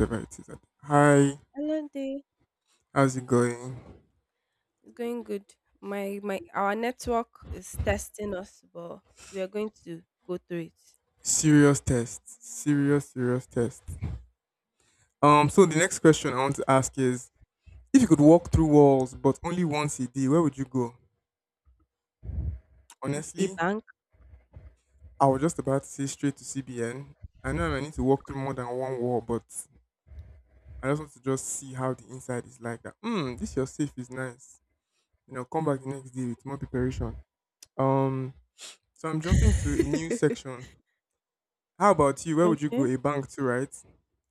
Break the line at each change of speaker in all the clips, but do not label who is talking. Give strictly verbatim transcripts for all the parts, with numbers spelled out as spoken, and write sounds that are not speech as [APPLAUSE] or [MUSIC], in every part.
Whatever it is. I think. Hi,
Hello day,
how's it going?
it's going good. My my Our network is testing us, but we are going to go through it.
Serious test. Serious, serious test. Um, so the next question I want to ask is if you could walk through walls but only once a day, where would you go?
A
Honestly,
bank,
I was just about to say straight to C B N. I know I might need to walk through more than one wall, but I just want to just see how the inside is like that. Hmm, this your safe is nice. You know, come back the next day with more preparation. Um, so I'm jumping to a new section. How about you? Where would you go?
okay?
A bank too, right?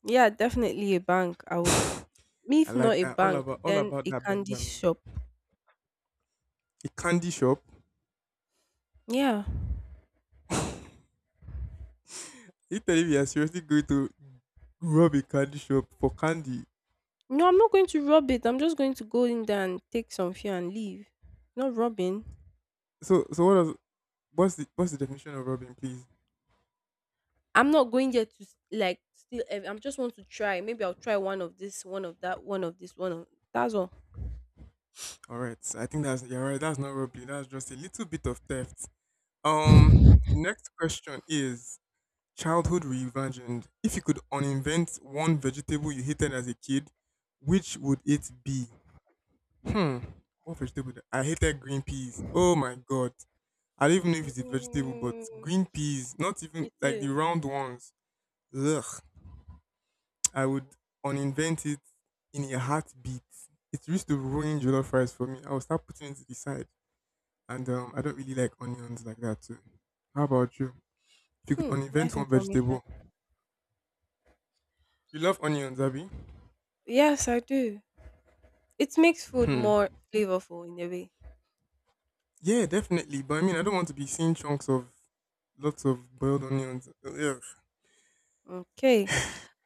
Yeah, definitely a bank. I would, me
I
If not
like
a
that. All
bank,
about all
then
about
a
that
candy
Benjamin.
shop.
A candy shop.
Yeah.
You tell me you're seriously going to rob a candy shop for candy.
No, I'm not going to rob it. I'm just going to go in there and take some few and leave. Not robbing.
So so what does what's the what's the definition of robbing, please?
I'm not going there to s- like steal. ev- I'm just want to try. Maybe I'll try one of this, one of that, one of this, one of that's all.
Alright. I think that's you're right, that's not robbery, that's just a little bit of theft. Um the next question is childhood reimagined. If you could uninvent one vegetable you hated as a kid, which would it be? Hmm. What vegetable? do- I hated green peas. Oh my god. I don't even know if it's a vegetable, but
Mm,
green peas, not even
it
like the
is.
round ones. Ugh. I would uninvent it in a heartbeat. It used to ruin jollof rice for me. I would start putting it to the side. And um, I don't really like onions like that too. How about you? If you could
Hmm, nice
uninvent one
information.
vegetable. You love onions, Abby?
Yes, I do. It makes food
Hmm.
more flavorful in a way.
Yeah, definitely. But I mean, I don't want to be seeing chunks of lots of boiled onions. Ugh.
Okay.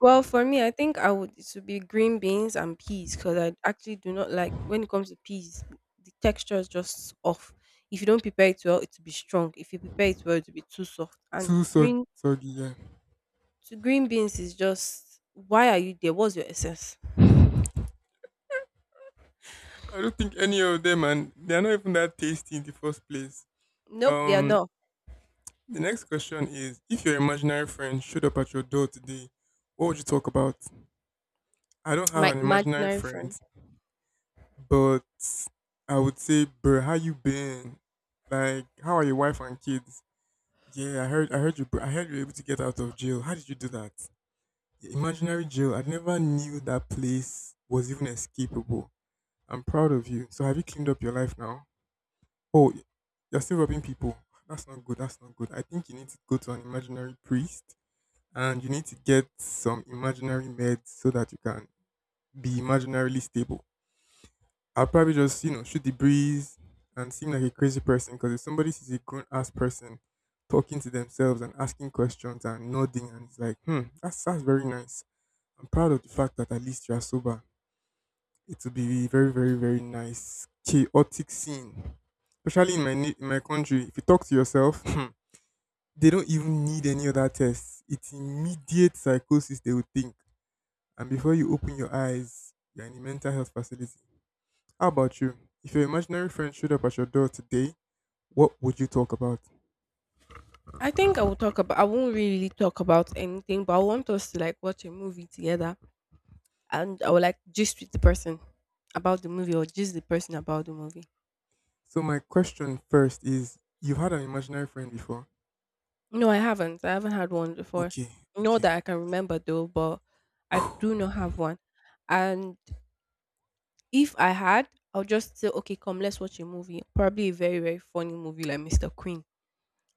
Well, for me, I think I would it would be green beans and peas because I actually do not like when it comes to peas, the texture is just off. If you don't prepare it well, it will be strong. If you prepare it well, it will be too soft. And
Too sog-
green
soggy, yeah.
to green beans is just why are you there? What's your essence?
I don't think any of them, and they're not even that tasty in the first place.
Nope, they are
Um,
not.
the next question is: if your imaginary friend showed up at your door today, what would you talk about? I don't
[TSK]
have
My
an imaginary
imaginary
friend,
friend.
but I would say, bro, how you been? Like, how are your wife and kids? Yeah, I heard, I heard you, bro, I heard you were able to get out of jail. How did you do that? Yeah, imaginary jail. I never knew that place was even escapable. I'm proud of you. So, have you cleaned up your life now? Oh, you're still robbing people. That's not good. That's not good. I think you need to go to an imaginary priest and you need to get some imaginary meds so that you can be imaginarily stable. I'll probably just, you know, shoot the breeze and seem like a crazy person because if somebody sees a grown ass person talking to themselves and asking questions and nodding and it's like, hmm, that's, that's very nice. I'm proud of the fact that at least you are sober it will be very, very, very nice, chaotic scene. Especially in my na- in my country, if you talk to yourself, [CLEARS THROAT] they don't even need any other tests. It's immediate psychosis they would think, and before you open your eyes, you're in a mental health facility. How about you? If your imaginary friend showed up at your door today, what would you talk about?
I think I will talk about. I won't really talk about anything, but I want us to like watch a movie together and I would like just with the person about the movie or just the person about the movie.
So my question first is: you've had an imaginary friend before?
No, I haven't. I haven't had one before.
Okay,
Not
okay.
that I can remember though, but I do not have one. And if I had, I'll just say, okay, come, let's watch a movie. Probably a very, very funny movie like Mister Queen.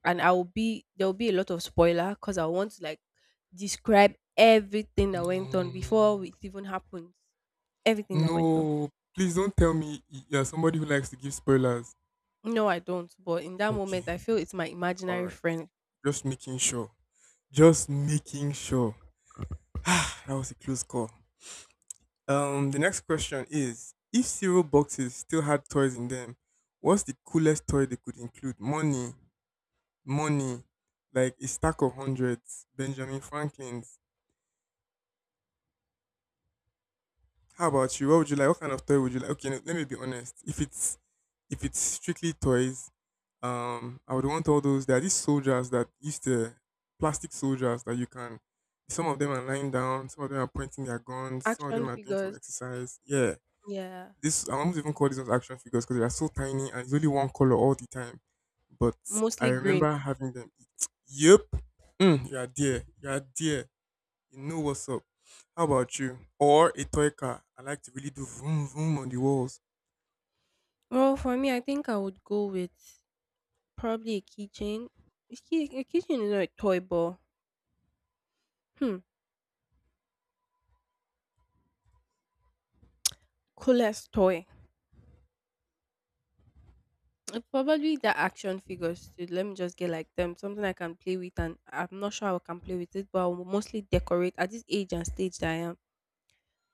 And I will be there will be a lot of spoiler because I want to like describe everything that went on before
No,
it even happened. Everything that went on.
no, please don't tell me y- you're somebody who likes to give spoilers.
No, I don't. But in that
Okay.
moment, I feel it's my
All
imaginary
right.
friend.
Just making sure. Just making sure. [SIGHS] That was a close call. Um, the next question is: if cereal boxes still had toys in them, what's the coolest toy they could include? Money, money, like a stack of hundreds, Benjamin Franklin's. How about you? What would you like? What kind of toy would you like? Okay, no, let me be honest. If it's if it's strictly toys, Um, I would want all those. There are these soldiers that used to plastic soldiers that you can. Some of them are lying down. Some of them are pointing their guns. Some of
Action
them are doing some
figures.
exercise. Yeah,
Yeah.
this I almost even call these ones action figures because they are so tiny and it's only one color all the time. But I
Mostly green.
remember having them. Yep, mm, you are there. You are there. You know what's up. How about you? Or a toy car? I like to really do vroom vroom on the walls.
Well, for me, I think I would go with probably a keychain. A key- a keychain is not a toy, but hmm, coolest toy. Uh, Probably the action figures too. Let me just get like them. Something I can play with, and I'm not sure how I can play with it, but I will mostly decorate at this age and stage that I am.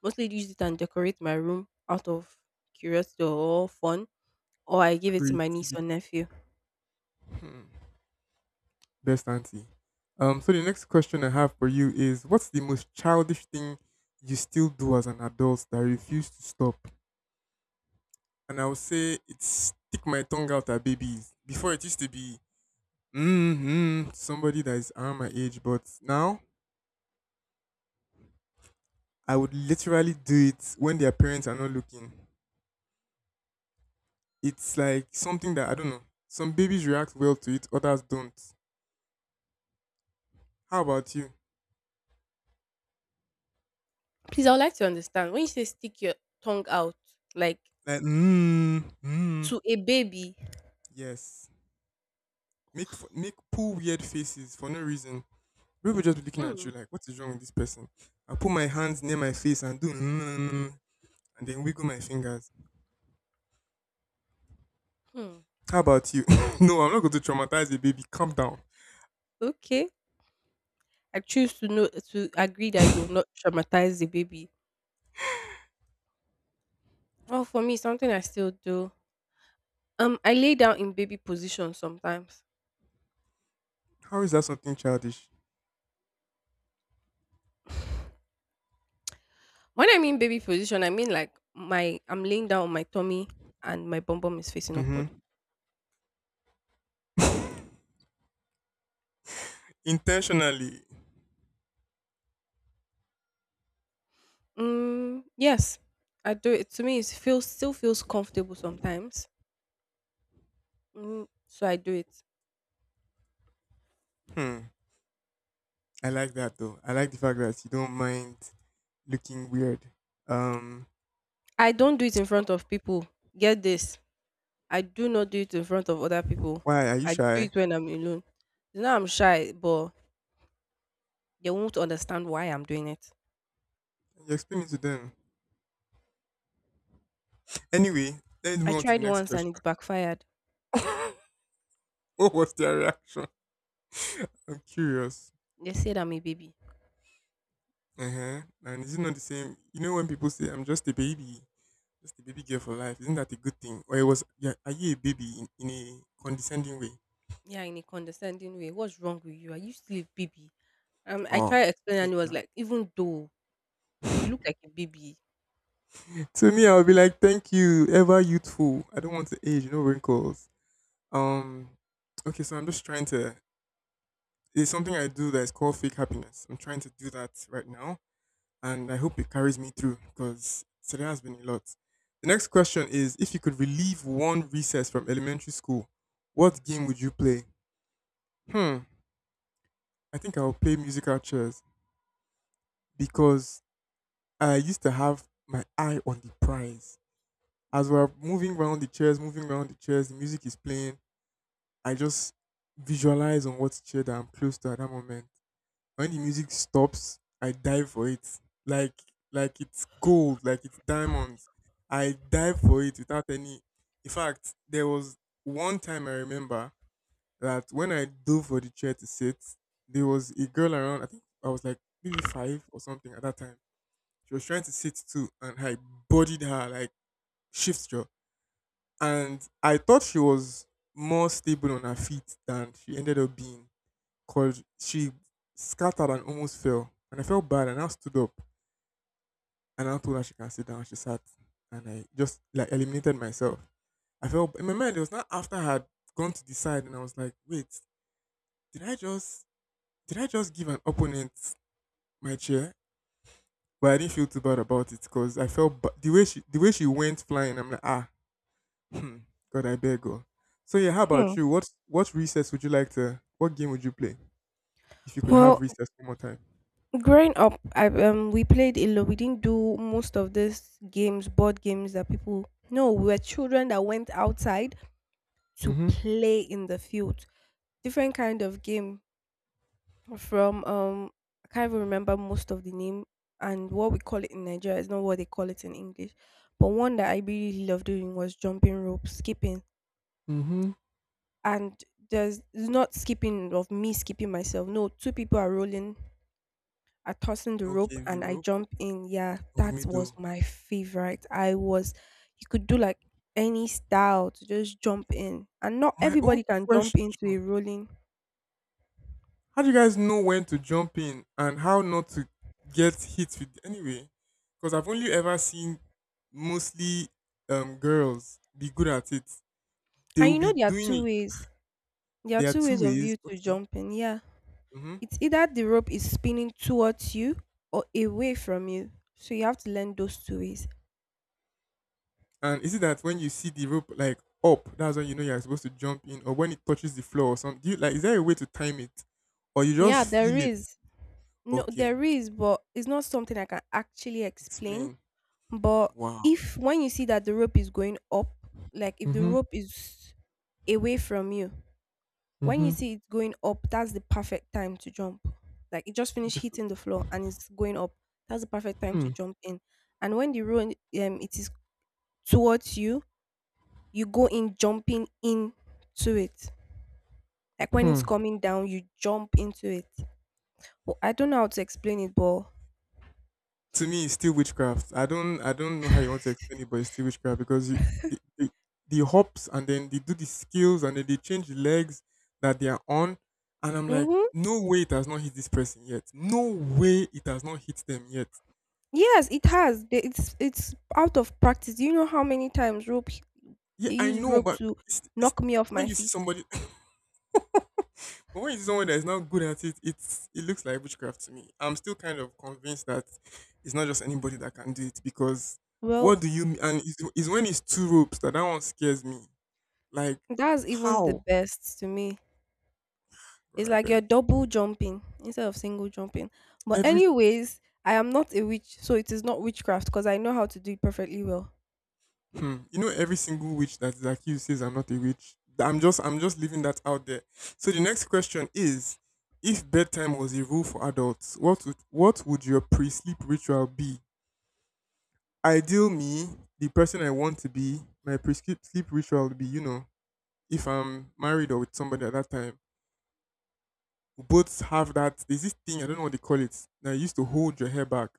Mostly use it and decorate my room out of curiosity or fun. Or I give it to my niece
Creativity.
or nephew.
Hmm. Best auntie. Um, so the next question I have for you is what's the most childish thing you still do as an adult that you refuse to stop? And I would say it's stick my tongue out at babies. Before it used to be mm-hmm, somebody that is around my age, but now I would literally do it when their parents are not looking. It's like something that I don't know. Some babies react well to it, others don't. How about you?
Please, I would like to understand when you say stick your tongue out, like
Like mm, mm,
to a baby.
yes. Make f- make poor weird faces for no reason. People will just be looking at you
Mm,
like, what is wrong with this person? I put my hands near my face and do mm, and then wiggle my fingers.
hmm.
How about you? [LAUGHS] No, I'm not going to traumatize a baby. Calm down.
Okay, I choose to know to agree that you'll not traumatize the baby. Well, for me, something I still do. Um, I lay down in baby position sometimes.
How is that something childish?
When I mean baby position, I mean like my I'm laying down on my tummy and my bum bum is facing upward.
Mm-hmm. Intentionally.
Mm, yes, I do it. To me, it feels still feels comfortable sometimes. Mm, so I do it.
Hmm. I like that though. I like the fact that you don't mind looking weird. Um.
I don't do it in front of people. Get this. I do not do it in front of other people.
Why are you
I do
shy?
it when I'm alone. You know, I'm shy, but they won't understand why I'm doing it.
You explain it to them. Anyway, let's
I
move on to the
tried
next
once and
question.
it
[LAUGHS]
backfired.
What was their reaction? I'm curious.
They said I'm a baby.
Uh huh. And is it not the same? You know when people say, "I'm just a baby," just a baby girl for life. Isn't that a good thing? Or it was, yeah, are you a baby in, in a condescending way?
Yeah, in a condescending way. What's wrong with you? Are you still a baby? Um, I tried
Oh,
explaining,
eh,
and he was like,
[LAUGHS]
even though you look like a baby.
to me, I'll be like, thank you, ever youthful. I don't want to age, no wrinkles. Um, okay, so I'm just trying to. It's something I do that's called fake happiness. I'm trying to do that right now, and I hope it carries me through because today has been a lot. The next question is: if you could relieve one recess from elementary school, what game would you play? Hmm. I think I'll play musical chairs. Because I used to have my eye on the prize. As we're moving around the chairs, moving around the chairs, the music is playing. I just visualize on what chair that I'm close to at that moment. When the music stops, I dive for it. Like like it's gold, like it's diamonds. I dive for it without any in fact, there was one time I remember that when I dove for the chair to sit, there was a girl around, I think I was like maybe five or something at that time she was trying to sit too, and I bodied her like shift jaw. And I thought she was more stable on her feet than she ended up being. Cause she scattered and almost fell, and I felt bad. And I stood up, and I told her she can sit down. She sat, and I just like eliminated myself. I felt in my mind it was not after I had gone to decide, and I was like, wait, did I just did I just give an opponent my chair? But I didn't feel too bad about it because I felt ba- the way she the way she went flying. I'm like ah. Hmm. God, I beg. Oh. So yeah, how about
Hmm.
you? What what recess would you like to? What game would you play if you could have
Well,
recess one more time?
growing up, I um we played a lot. We didn't do most of these games, board games that people. No, we were children that went outside to
Mm-hmm.
play in the field. Different kind of game from um I can't even remember most of the name and what we call it in Nigeria is not what they call it in English. But one that I really loved doing was jumping rope, skipping,
Mm-hmm.
and there's not skipping of me skipping myself. No, two people are rolling, are tossing the
Okay,
rope,
the
and I
rope
jump in. Yeah,
in the
that was
middle.
my favorite. I was, you could do like any style to just jump in, and not
My own
everybody can jump into a
question:
rolling.
how do you guys know when to jump in and how not to get hit with? Anyway, because I've only ever seen mostly um girls be good at it. They
And
will
you
be
know there are
doing
two
it.
ways. There are
There are
two
two
ways of
ways.
you to
Okay.
jump in. Yeah,
Mm-hmm.
it's either the rope is spinning towards you or away from you. So you have to learn those two ways.
And is it that when you see the rope like up, that's when you know you're supposed to jump in, or when it touches the floor or something? Do you like? Is there a way to time it, or you
Yeah,
just
there
feel it?
is. No,
Okay,
there is, but it's not something I can actually explain.
explain.
But
Wow.
if when you see that the rope is going up, like if the
Mhm.
rope is away from you, when you
Mhm.
see it going up, that's the perfect time to jump. Like it just finished
Okay, so-
hitting the floor and it's going up. That's the perfect time to
Hmm.
jump in. And when the rope, um it is towards you, you go in jumping in to it. Like when it's
Hmm.
coming down, you jump into it. Well, I don't know how to explain it, but
To me, it's still witchcraft. I don't. I don't know how you want to explain it, but it's still witchcraft because you, the, the the hops and then they do the skills and then they change the legs that they are on, and I'm like,
mhm.
no way it has not hit this person yet. No way it has not hit them yet.
Yes, it has. The- It's it's out of practice. Do you know how many times rope
Yeah,
they
I
use
know,
rope
but
to
it's, it's,
knock me off
when
my
you see
feet?
somebody, [LAUGHS] when you see someone that is not good at it, it's it looks like witchcraft to me. I'm still kind of convinced that it's not just anybody that can do it because
Well,
what do you m- and it's, it's when it's two ropes that that one scares me. Like
that's even the
how?
best to me.
God,
It's
I
like you're
beg.
double jumping instead of single jumping. But
Every
anyways, I am not a witch, so it is not witchcraft because I know how to do it perfectly well.
hmm, you know every single witch that is accused says I'm not a witch. I'm just I'm just leaving that out there. So the next question is. If bedtime was a rule for adults, what would what would your pre-sleep ritual be? Ideal me, the person I want to be, my prescript sleep ritual would be, you know, if I'm married or with somebody at that time, we both have that. There's this thing, I don't know what they call it, that you used to hold your hair back,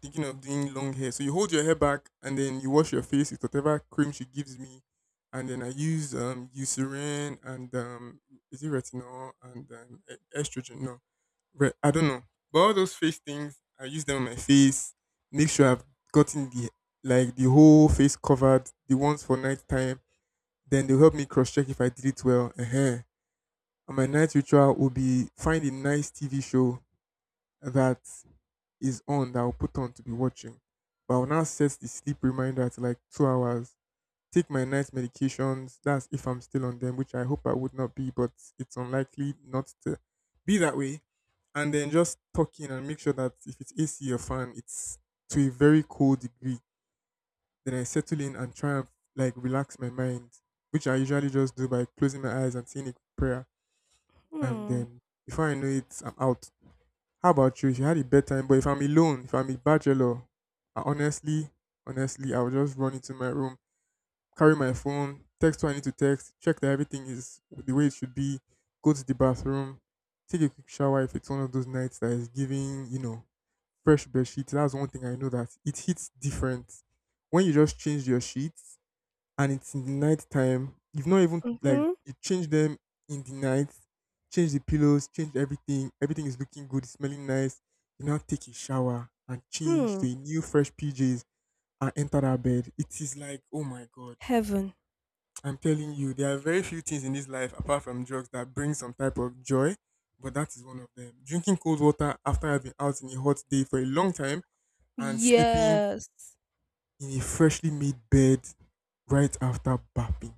thinking of doing long hair. So you hold your hair back and then you wash your face with whatever cream she gives me. And then I use um, Eucerin and um, is it retinol and um, e- estrogen? No, Re- I don't know. But all those face things, I use them on my face. Make sure I've gotten the like the whole face covered, the ones for nighttime. Then they'll help me cross check if I did it well. uh And my night ritual will be find a nice T V show that is on that I'll put on to be watching. But I'll now set the sleep reminder at like two hours, take my night medications. That's if I'm still on them, which I hope I would not be, but it's unlikely not to be that way. And then just talking and make sure that if it's A C or fan, it's to a very cold degree. Then I settle in and try and like relax my mind, which I usually just do by closing my eyes and saying a prayer. And
Hmm.
then before I know it, I'm out. How about you? If you had a bedtime, but if I'm alone, if I'm a bachelor, I honestly, honestly, I will just run into my room, carry my phone, text who I need to text, check that everything is the way it should be, go to the bathroom, take a quick shower if it's one of those nights that is giving, you know, fresh bed sheets. That's one thing I know that it hits different. When you just change your sheets and it's in the night time, you've not even like
Mm-hmm.
you change them in the night, change the pillows, change everything, everything is looking good, smelling nice. You now take a shower and change
Hmm.
to a new fresh P Js and enter that bed. It is like, oh my god.
Heaven.
I'm telling you, there are very few things in this life apart from drugs that bring some type of joy, but that is one of them. Drinking cold water after I've been out in a hot day for a long time and sleeping
Yes.
in a freshly made bed right after bathing.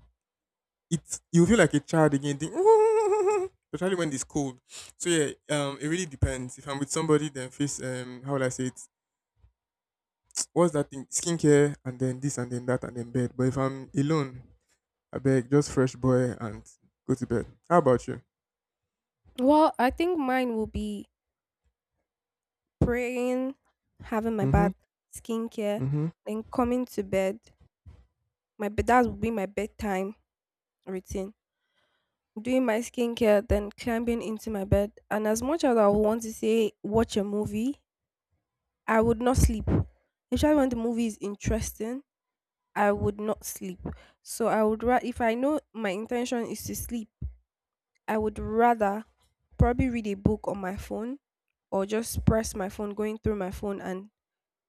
It you feel like a child again, think, [LAUGHS] especially when it's cold. So yeah, um, it really depends. If I'm with somebody, then face um, how will I say it? [TSK] What's that thing? Skincare and then this and then that and then bed. But if I'm alone, I beg just fresh boy and go to bed. How about you?
Well, I think mine will be praying, having my
Mhm.
bath, skincare,
Mhm.
then coming to bed. My bed, that would be my bedtime routine. Doing my skincare, then climbing into my bed. And as much as I would want to say watch a movie, I would not sleep. Especially when the movie is interesting, I would not sleep. So I would rather, if I know my intention is to sleep, I would rather probably read a book on my phone or just press my phone, going through my phone and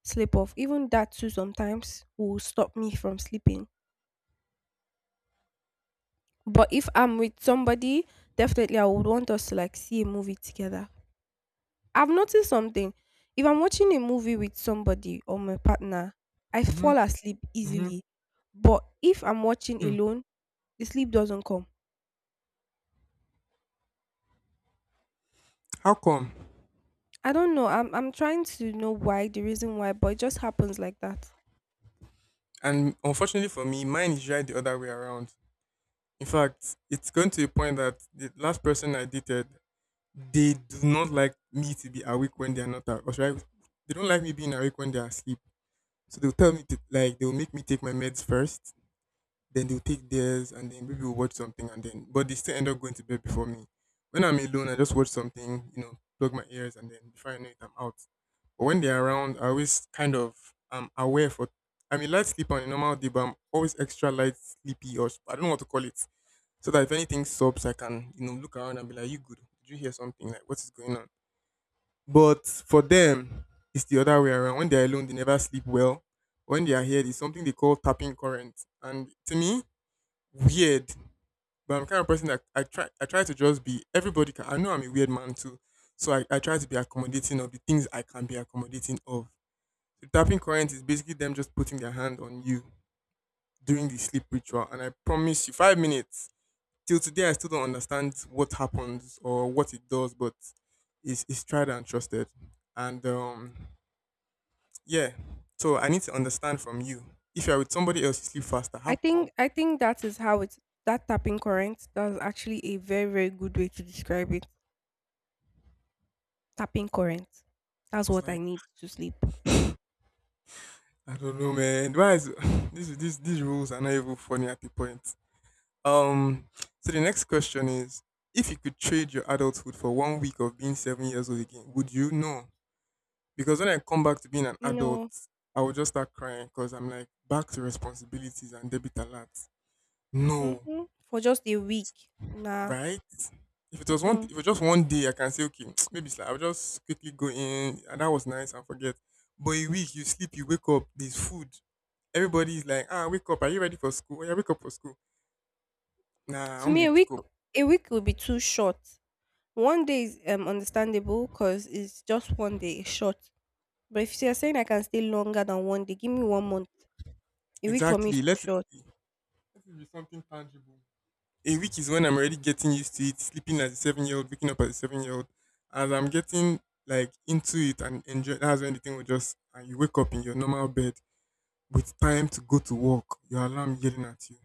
sleep off. Even that too sometimes will stop me from sleeping. But if I'm with somebody, definitely I would want us to like see a movie together. I've noticed something. If I'm watching a movie with somebody or my partner, I
Mhm.
fall asleep
Mhm.
easily. But if I'm watching
Hmm.
alone, the sleep doesn't come.
How come?
I don't know. I'm I'm trying to know why, the reason why, but it just happens like that.
And unfortunately for me, mine is right the other way around. In fact, it's going to a point that the last person I dated, they do not like me to be awake when they are not awake. Or should I- they don't like me being awake when they are asleep. So they'll tell me to like they'll make me take my meds first. Then they'll take theirs and then maybe we'll watch something and then but they still end up going to bed before me. When I'm alone, I just watch something, you know, plug my ears and then before I know it I'm out. But when they're around, I always kind of am aware for I'm a light sleeper on a normal day, but I'm always extra light sleepy or I don't know what to call it. So that if anything stops, I can, you know, look around and be like, "You good? Did you hear something? Like what is going on?" But for them, it's the other way around. When they're alone, they never sleep well. When they are here, there's something they call tapping current. And to me, weird, but I'm the kind of person that I try I try to just be everybody can I know I'm a weird man too. So I, I try to be accommodating of the things I can be accommodating of. The tapping current is basically them just putting their hand on you during the sleep ritual and I promise you five minutes. Till today I still don't understand what happens or what it does, but it's it's tried and trusted. And um yeah. So I need to understand from you. If you're with somebody else you sleep faster,
I
how come?
think I think that is how it's that tapping current. That's actually a very, very good way to describe it. Tapping current.
I
That's
was
what I
like
need to sleep.
I don't know, man. Why is [SIGHS] [LAUGHS] this? These these rules are not even funny at the point. Um. So the next question is: if you could trade your adulthood for one week of being seven years old again, would you? No, because when I come back to being an adult,
No.
I would just start crying because I'm like back to responsibilities and debit alert. No.
Mm-hmm. For just a week. Nah.
Right? If it was one, if
Mm-mm.
it was just one day, I can say, okay, [TSK] maybe it's like I'll just quickly go in, and that was nice, and forget. But a week, you sleep, you wake up, there's food. Everybody's like, ah, wake up, are you ready for school? "Oh, yeah, wake up for school." Nah, I
To
won't be
me, a
able to
week
cope.
a week would be too short. One day is um understandable because it's just one day, it's short. But if you're saying I can stay longer than one day, give me one month. A week for me
Exactly.
is too
Let it
short.
be. Let it be something tangible. A week is when I'm already getting used to it, sleeping as a seven year old, waking up as a seven year old. As I'm getting like into it and enjoy that's when the thing will just and you wake up in your normal bed with time to go to work, your alarm yelling at you.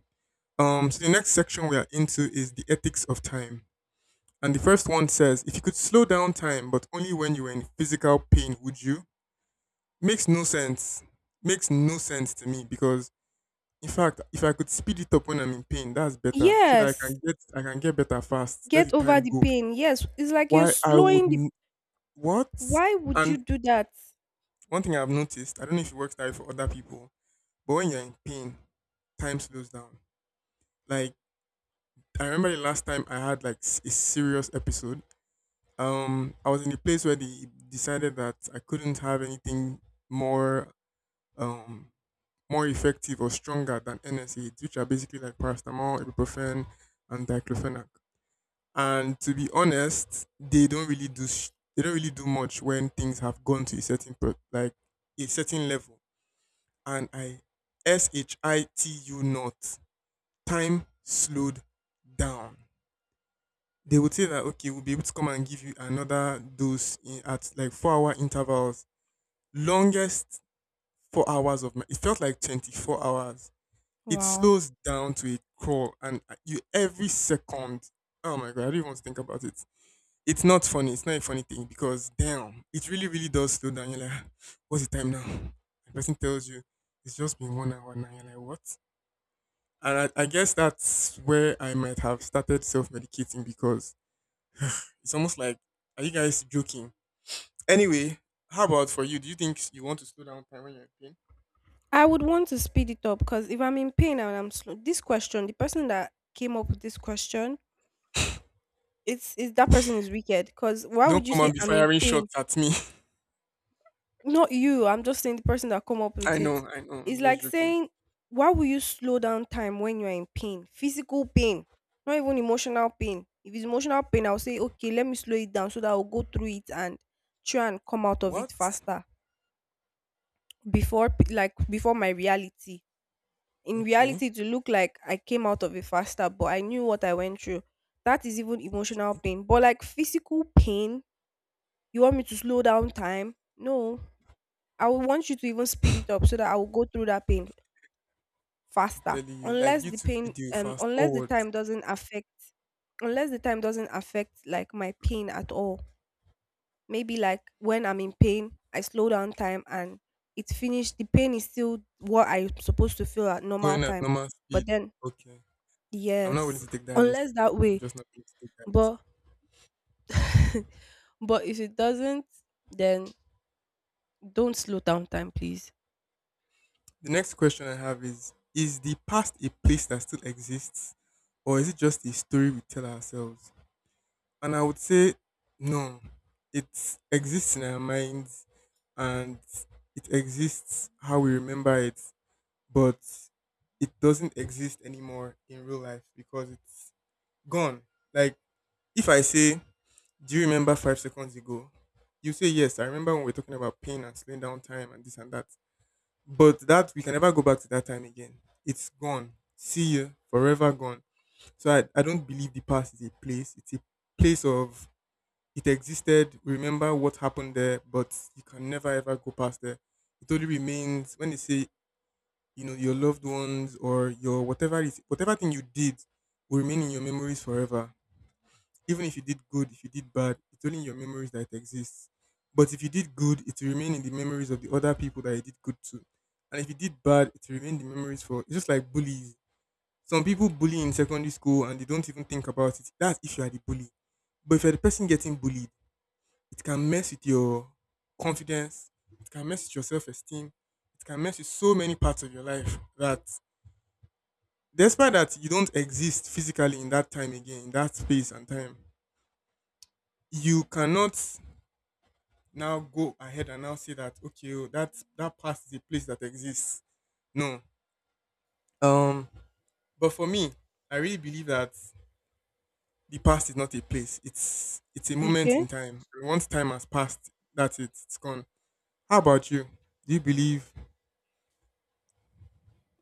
Um, so the next section we are into is the ethics of time. And the first one says, if you could slow down time, but only when you were in physical pain, would you? Makes no sense. Makes no sense to me because, in fact, if I could speed it up when I'm in pain, that's better. So that I
Yes.
can get, I can get better fast. Let the
Get over
time
the
go.
pain. Yes. It's like you're
Why I would
slowing the
n- What?
why would you
And
do that?
one thing I've noticed, I don't know if it works that way for other people, but when you're in pain, time slows down. Like I remember the last time I had like s- a serious episode. Um, I was in a place where they decided that I couldn't have anything more um more effective or stronger than N saids, which are basically like paracetamol, ibuprofen, and diclofenac. And to be honest, they don't really do sh- they don't really do much when things have gone to a certain pro- like a certain level. And I S H I T U not, time slowed down. They would say that okay, we'll be able to come and give you another dose in, at like four hour intervals. Longest four hours of my, it felt like twenty four hours. It
Wow.
slows down to a crawl, and uh, you every second. Oh my god, I don't even want to think about it. It's not funny. It's not a funny thing because damn, it really, really does slow down. You're like, "Ah, what's the time now?" The person tells you it's just been one hour now. You're like, what? And I, I guess that's where I might have started self medicating because it's almost like, are you guys joking? Anyway, how about for you? Do you think you want to slow down time when you're in pain?
I would want to speed it up because if I'm in pain and I'm slow, this question, the person that came up with this question it's it's that person is wicked because why
Don't
would you
come
say
and be
I'm in
firing
pain?
shots at me.
Not you, I'm just saying the person that come up
[LAUGHS] I
with it.
know, I know. I'm
It's
just
like
joking.
saying why will you slow down time when you're in pain, physical pain, not even emotional pain? If it's emotional pain, I'll say okay, let me slow it down so that I'll go through it and try and come out of it
What?
faster before p- like before my reality in
Okay.
reality to look like I came out of it faster but I knew what I went through. That is even emotional pain but like physical pain. You want me to slow down time? No. I would want you to even speed it up so that I will go through that pain
I'm
faster.
telling you, like
Unless the
YouTube
pain
video
um
fast
unless the
forward,
time doesn't affect unless the time doesn't affect like my pain at all. Maybe like when I'm in pain, I slow down time and it's finished. The pain is still what I'm supposed to feel at normal
going at
time.
normal speed.
But then
Okay. I'm not willing
yes.
to take that risk.
Unless that
I'm
way.
just not willing to take that risk.
But [LAUGHS] but if it doesn't, then don't slow down time, please.
The next question I have is Is the past a place that still exists? Or is it just a story we tell ourselves? And I would say, no, it exists in our minds and it exists how we remember it, but it doesn't exist anymore in real life because it's gone. Like, if I say, do you remember five seconds ago? You say, yes, I remember when we are talking about pain and slowing down time and this and that. But that, we can never go back to that time again. It's gone. See you, forever gone. So I, I don't believe the past is a place, it's a place of it existed. We remember what happened there, but you can never ever go past there. It only remains when they say, you know, your loved ones or your whatever is whatever thing you did will remain in your memories forever. Even if you did good, if you did bad, it's only in your memories that it exists. But if you did good, it will remain in the memories of the other people that you did good to. And if you did bad, it will remain in the memories, for it's just like bullies. Some people bully in secondary school and they don't even think about it. That's if you are the bully. But if you're the person getting bullied, it can mess with your confidence. It can mess with your self esteem. It can mess with so many parts of your life that, despite that you don't exist physically in that time again, in that space and time, you cannot now go ahead and now say that, okay, oh, that that past is a place that exists. No. Um. But for me, I really believe that the past is not a place. It's it's a moment
Okay.
in time. And once time has passed, that's it. It's gone. How about you? Do you believe?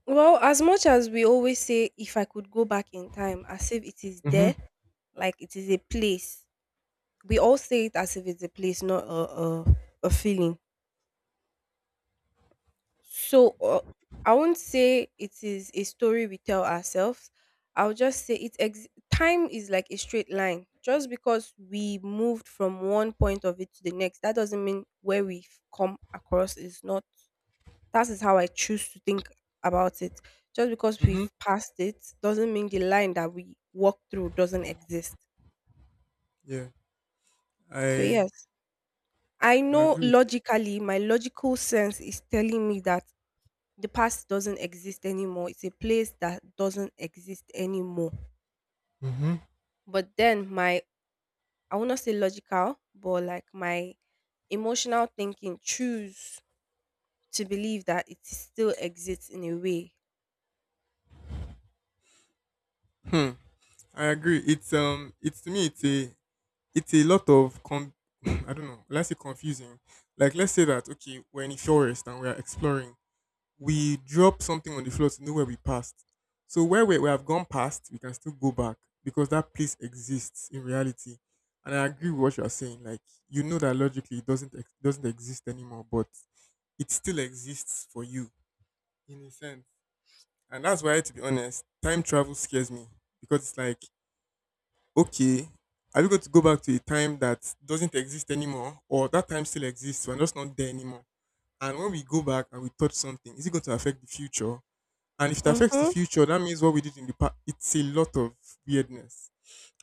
Well, as much as we always say, if I could go back in time, as if it is
Mm-hmm.
there, like it is a place, we all say it as if it's a place, not a a, a feeling. So uh, I won't say it is a story we tell ourselves. I'll just say it. Ex- time is like a straight line. Just because we moved from one point of it to the next, that doesn't mean where we've come across is not. That is how I choose to think about it. Just because
Mm-hmm.
we've passed it doesn't mean the line that we walk through doesn't exist.
Yeah,
So,
I
yes, I
I
know
agree with
logically, my logical sense is telling me that the past doesn't exist anymore. It's a place that doesn't exist anymore.
you. Hmm.
But then my, I will not say logical, but like my emotional thinking choose to believe that it still exists in a way.
Hmm, I agree. It's um, it's to me, it's a it's a lot of com- [CLEARS THROAT] I don't know. Let's say confusing. Like, let's say that, okay, we're in a forest and we are exploring. We drop something on the floor to know where we passed. So where we, we have gone past, we can still go back because that place exists in reality. And I agree with what you are saying. Like, you know that logically it doesn't ex- doesn't exist anymore, but it still exists for you in a sense. And that's why, to be honest, time travel scares me because it's like, okay, are we going to go back to a time that doesn't exist anymore, or that time still exists, we're just not there anymore? And when we go back and we touch something, is it going to affect the future? And if it affects the
Mhm.
future, that means what we did in the past. It's a lot of weirdness.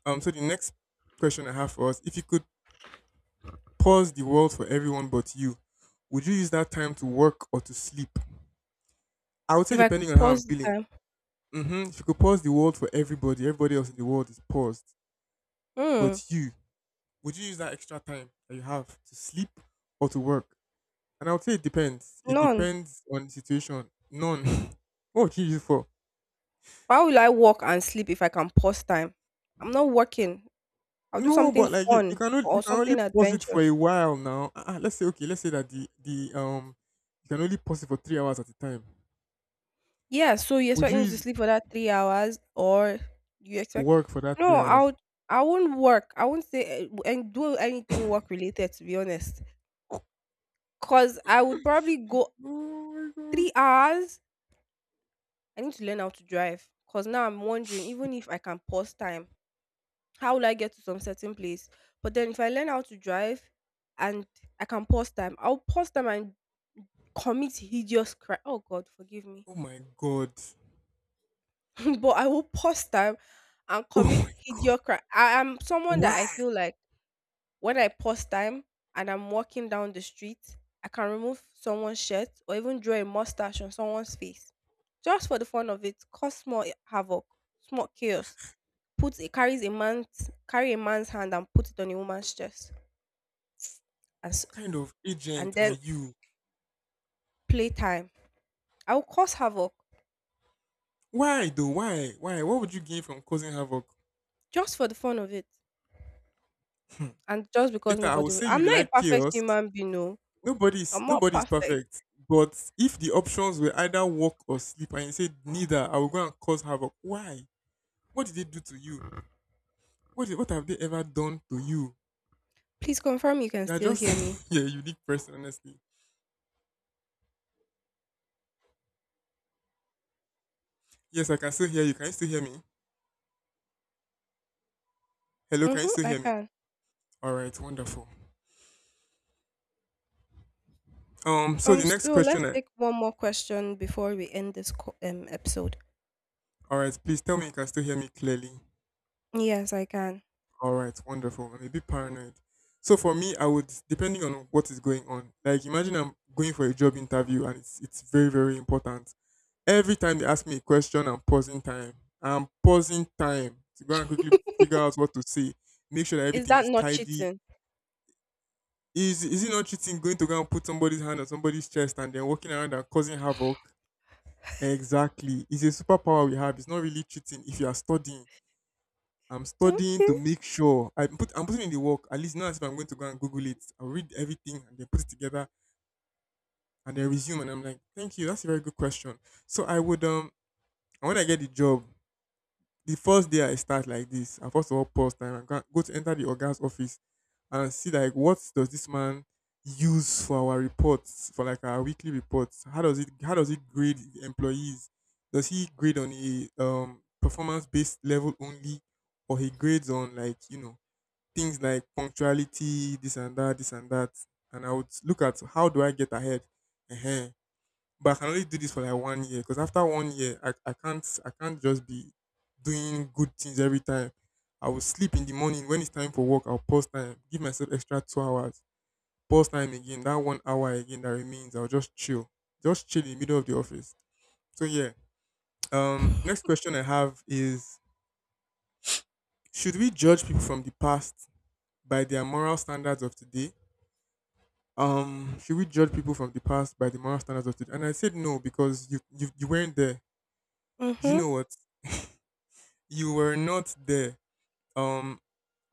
Um. So the next question I have for us: if you could pause the world for everyone but you, would you use that time to work or to sleep? I would say
If I could
depending on how I'm
pause the
feeling.
time.
Mm-hmm. If you could pause the world for everybody, everybody else in the world is paused.
Mm,
But you, would you use that extra time that you have to sleep or to work? And I would say it depends. It
none.
depends on the situation. None. [LAUGHS] What would you use it for?
Why will I work and sleep if I can pause time? I'm not working. I'll do
No,
something
but like you, you
fun
can only, you
or
can only
something
pause it for a
adventurous.
while now. Uh, let's say, okay, let's say that the the um you can only pause it for three hours at a time.
Yeah, so you
Would
expect
you
me to
use
sleep for that three hours or you expect?
work for that three
No,
hours?
I'll I won't work. I won't say eh, w- and do anything work related, to be honest.
[LAUGHS]
Cause I would probably go
Oh my god.
three hours. I need to learn how to drive. Cause now I'm wondering, even if I can pause time, how will I get to some certain place? But then if I learn how to drive and I can pause time, I'll pause time and commit hideous crime. Oh God, forgive me.
Oh my god.
[LAUGHS] but I will pause time and
Oh
commit
my god.
hideous crime. I am someone that I
Why?
feel like when I pause time and I'm walking down the street, I can remove someone's shirt or even draw a mustache on someone's face. Just for the fun of it, cause small havoc, small chaos. Put it carries a man's Carry a man's hand and put it on a woman's chest. And s
What kind of
and
agent are
then
you?
playtime. I will cause havoc
Why though? Why? Why? What would you gain from causing havoc?
just for the fun of it. And just because
Later, I will
nobody will
say you
I'm not a
like
perfect
chaos.
human being, no.
Nobody's
I'm not
nobody's
perfect.
perfect. But if the options were either walk or sleep, and you said neither, I will go and cause havoc. Why? What did they do to you? What did- what have they ever done to you?
Please confirm you can
You are
still hear me.
just [LAUGHS] you're a unique person, honestly. Yes, I can still hear you. Can you still hear me? Hello, can you
Mm-hmm,
still
I
hear me?
can.
All right, wonderful. Um, so
Um,
the next
so
question.
let's
I,
take one more question before we end this co- um episode.
all right, please tell me you can still hear me clearly.
Yes, I can.
All right, wonderful. I'm a bit paranoid. So for me, I would, depending on what is going on. Like imagine I'm going for a job interview and it's it's very, very important. Every time they ask me a question, I'm pausing time. I'm pausing time to go and quickly
[LAUGHS]
figure out what to say. Make sure that
Is
everything
that
is
not
tidy.
cheating?
Is is it not cheating going to go and put somebody's hand on somebody's chest and then walking around and causing havoc? Exactly. It's a superpower we have. It's not really cheating if you are studying. I'm studying to
Okay.
make sure I put I'm putting in the work. At least now, as if I'm going to go and Google it. I'll read everything and then put it together and then resume and I'm like, thank you, that's a very good question. So I would um and when I get the job, the first day I start like this, I first of all pause time and go go to enter the organ's office and see like, what does this man use for our reports, for like our weekly reports? How does it how does it grade the employees? Does he grade on a um performance based level only, or he grades on like, you know, things like punctuality, this and that, this and that. And I would look at how do I get ahead. uh But I can only do this for like one year because after one year, I, I can't I can't just be doing good things every time. I will sleep in the morning when it's time for work. I'll pause time, give myself extra two hours, pause time again. That one hour again that remains, I'll just chill, just chill in the middle of the office. So yeah. Um. Next question I have is: should we judge people from the past by their moral standards of today? Um, should we judge people from the past by the moral standards of today? And I said no, because you you, you weren't there. Do you
Mhm.
know what? You were not there. Um,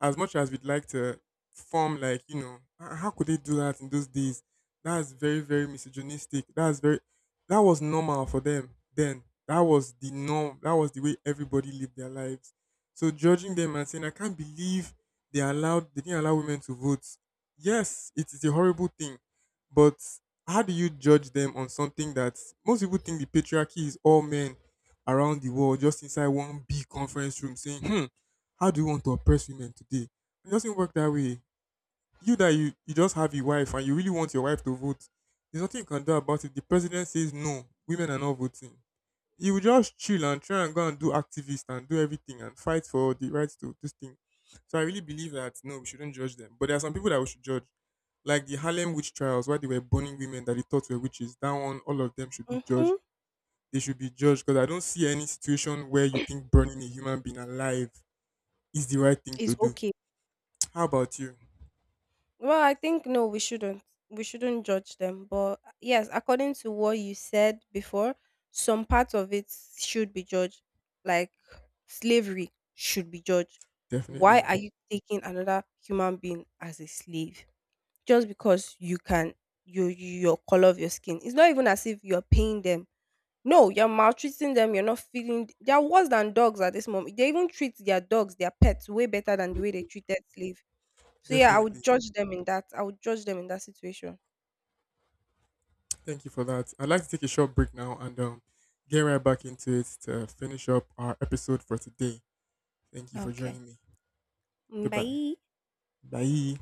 as much as we'd like to form like, you know, h- how could they do that in those days, that's very, very misogynistic, that's very, that was normal for them, then that was the norm, that was the way everybody lived their lives. So judging them and saying, I can't believe they allowed they didn't allow women to vote, yes, it is a horrible thing, but how do you judge them on something that most people think the patriarchy is all men around the world just inside one big conference room saying, hmm, how do you want to oppress women today? It doesn't work that way. You that you, you just have a wife and you really want your wife to vote. There's nothing you can do about it. The president says no, women are not voting. You will just chill and try and go and do activist and do everything and fight for the rights to this thing. So I really believe that no, we shouldn't judge them. But there are some people that we should judge. Like the Harlem witch trials, where they were burning women that they thought were witches. That one, all of them should be judged.
Mhm.
They should be judged because I don't see any situation where you think burning a human being alive is the right thing
Is
to do.
okay.
How about you?
Well, I think no, we shouldn't. We shouldn't judge them. But uh, yes, according to what you said before, some parts of it should be judged. Like slavery should be judged.
Definitely.
Why are you taking another human being as a slave? Just because you can, you, you your color of your skin. It's not even as if you're paying them. No, you're maltreating them. You're not feeling. They are worse than dogs at this moment. They even treat their dogs, their pets, way better than the way they treated slave. So yeah, I
Definitely.
would judge them in that. I would judge them in that situation.
Thank you for that. I'd like to take a short break now and um, get right back into it to finish up our episode for today. Thank you for
Okay.
joining me. Goodbye.
Bye.
Bye.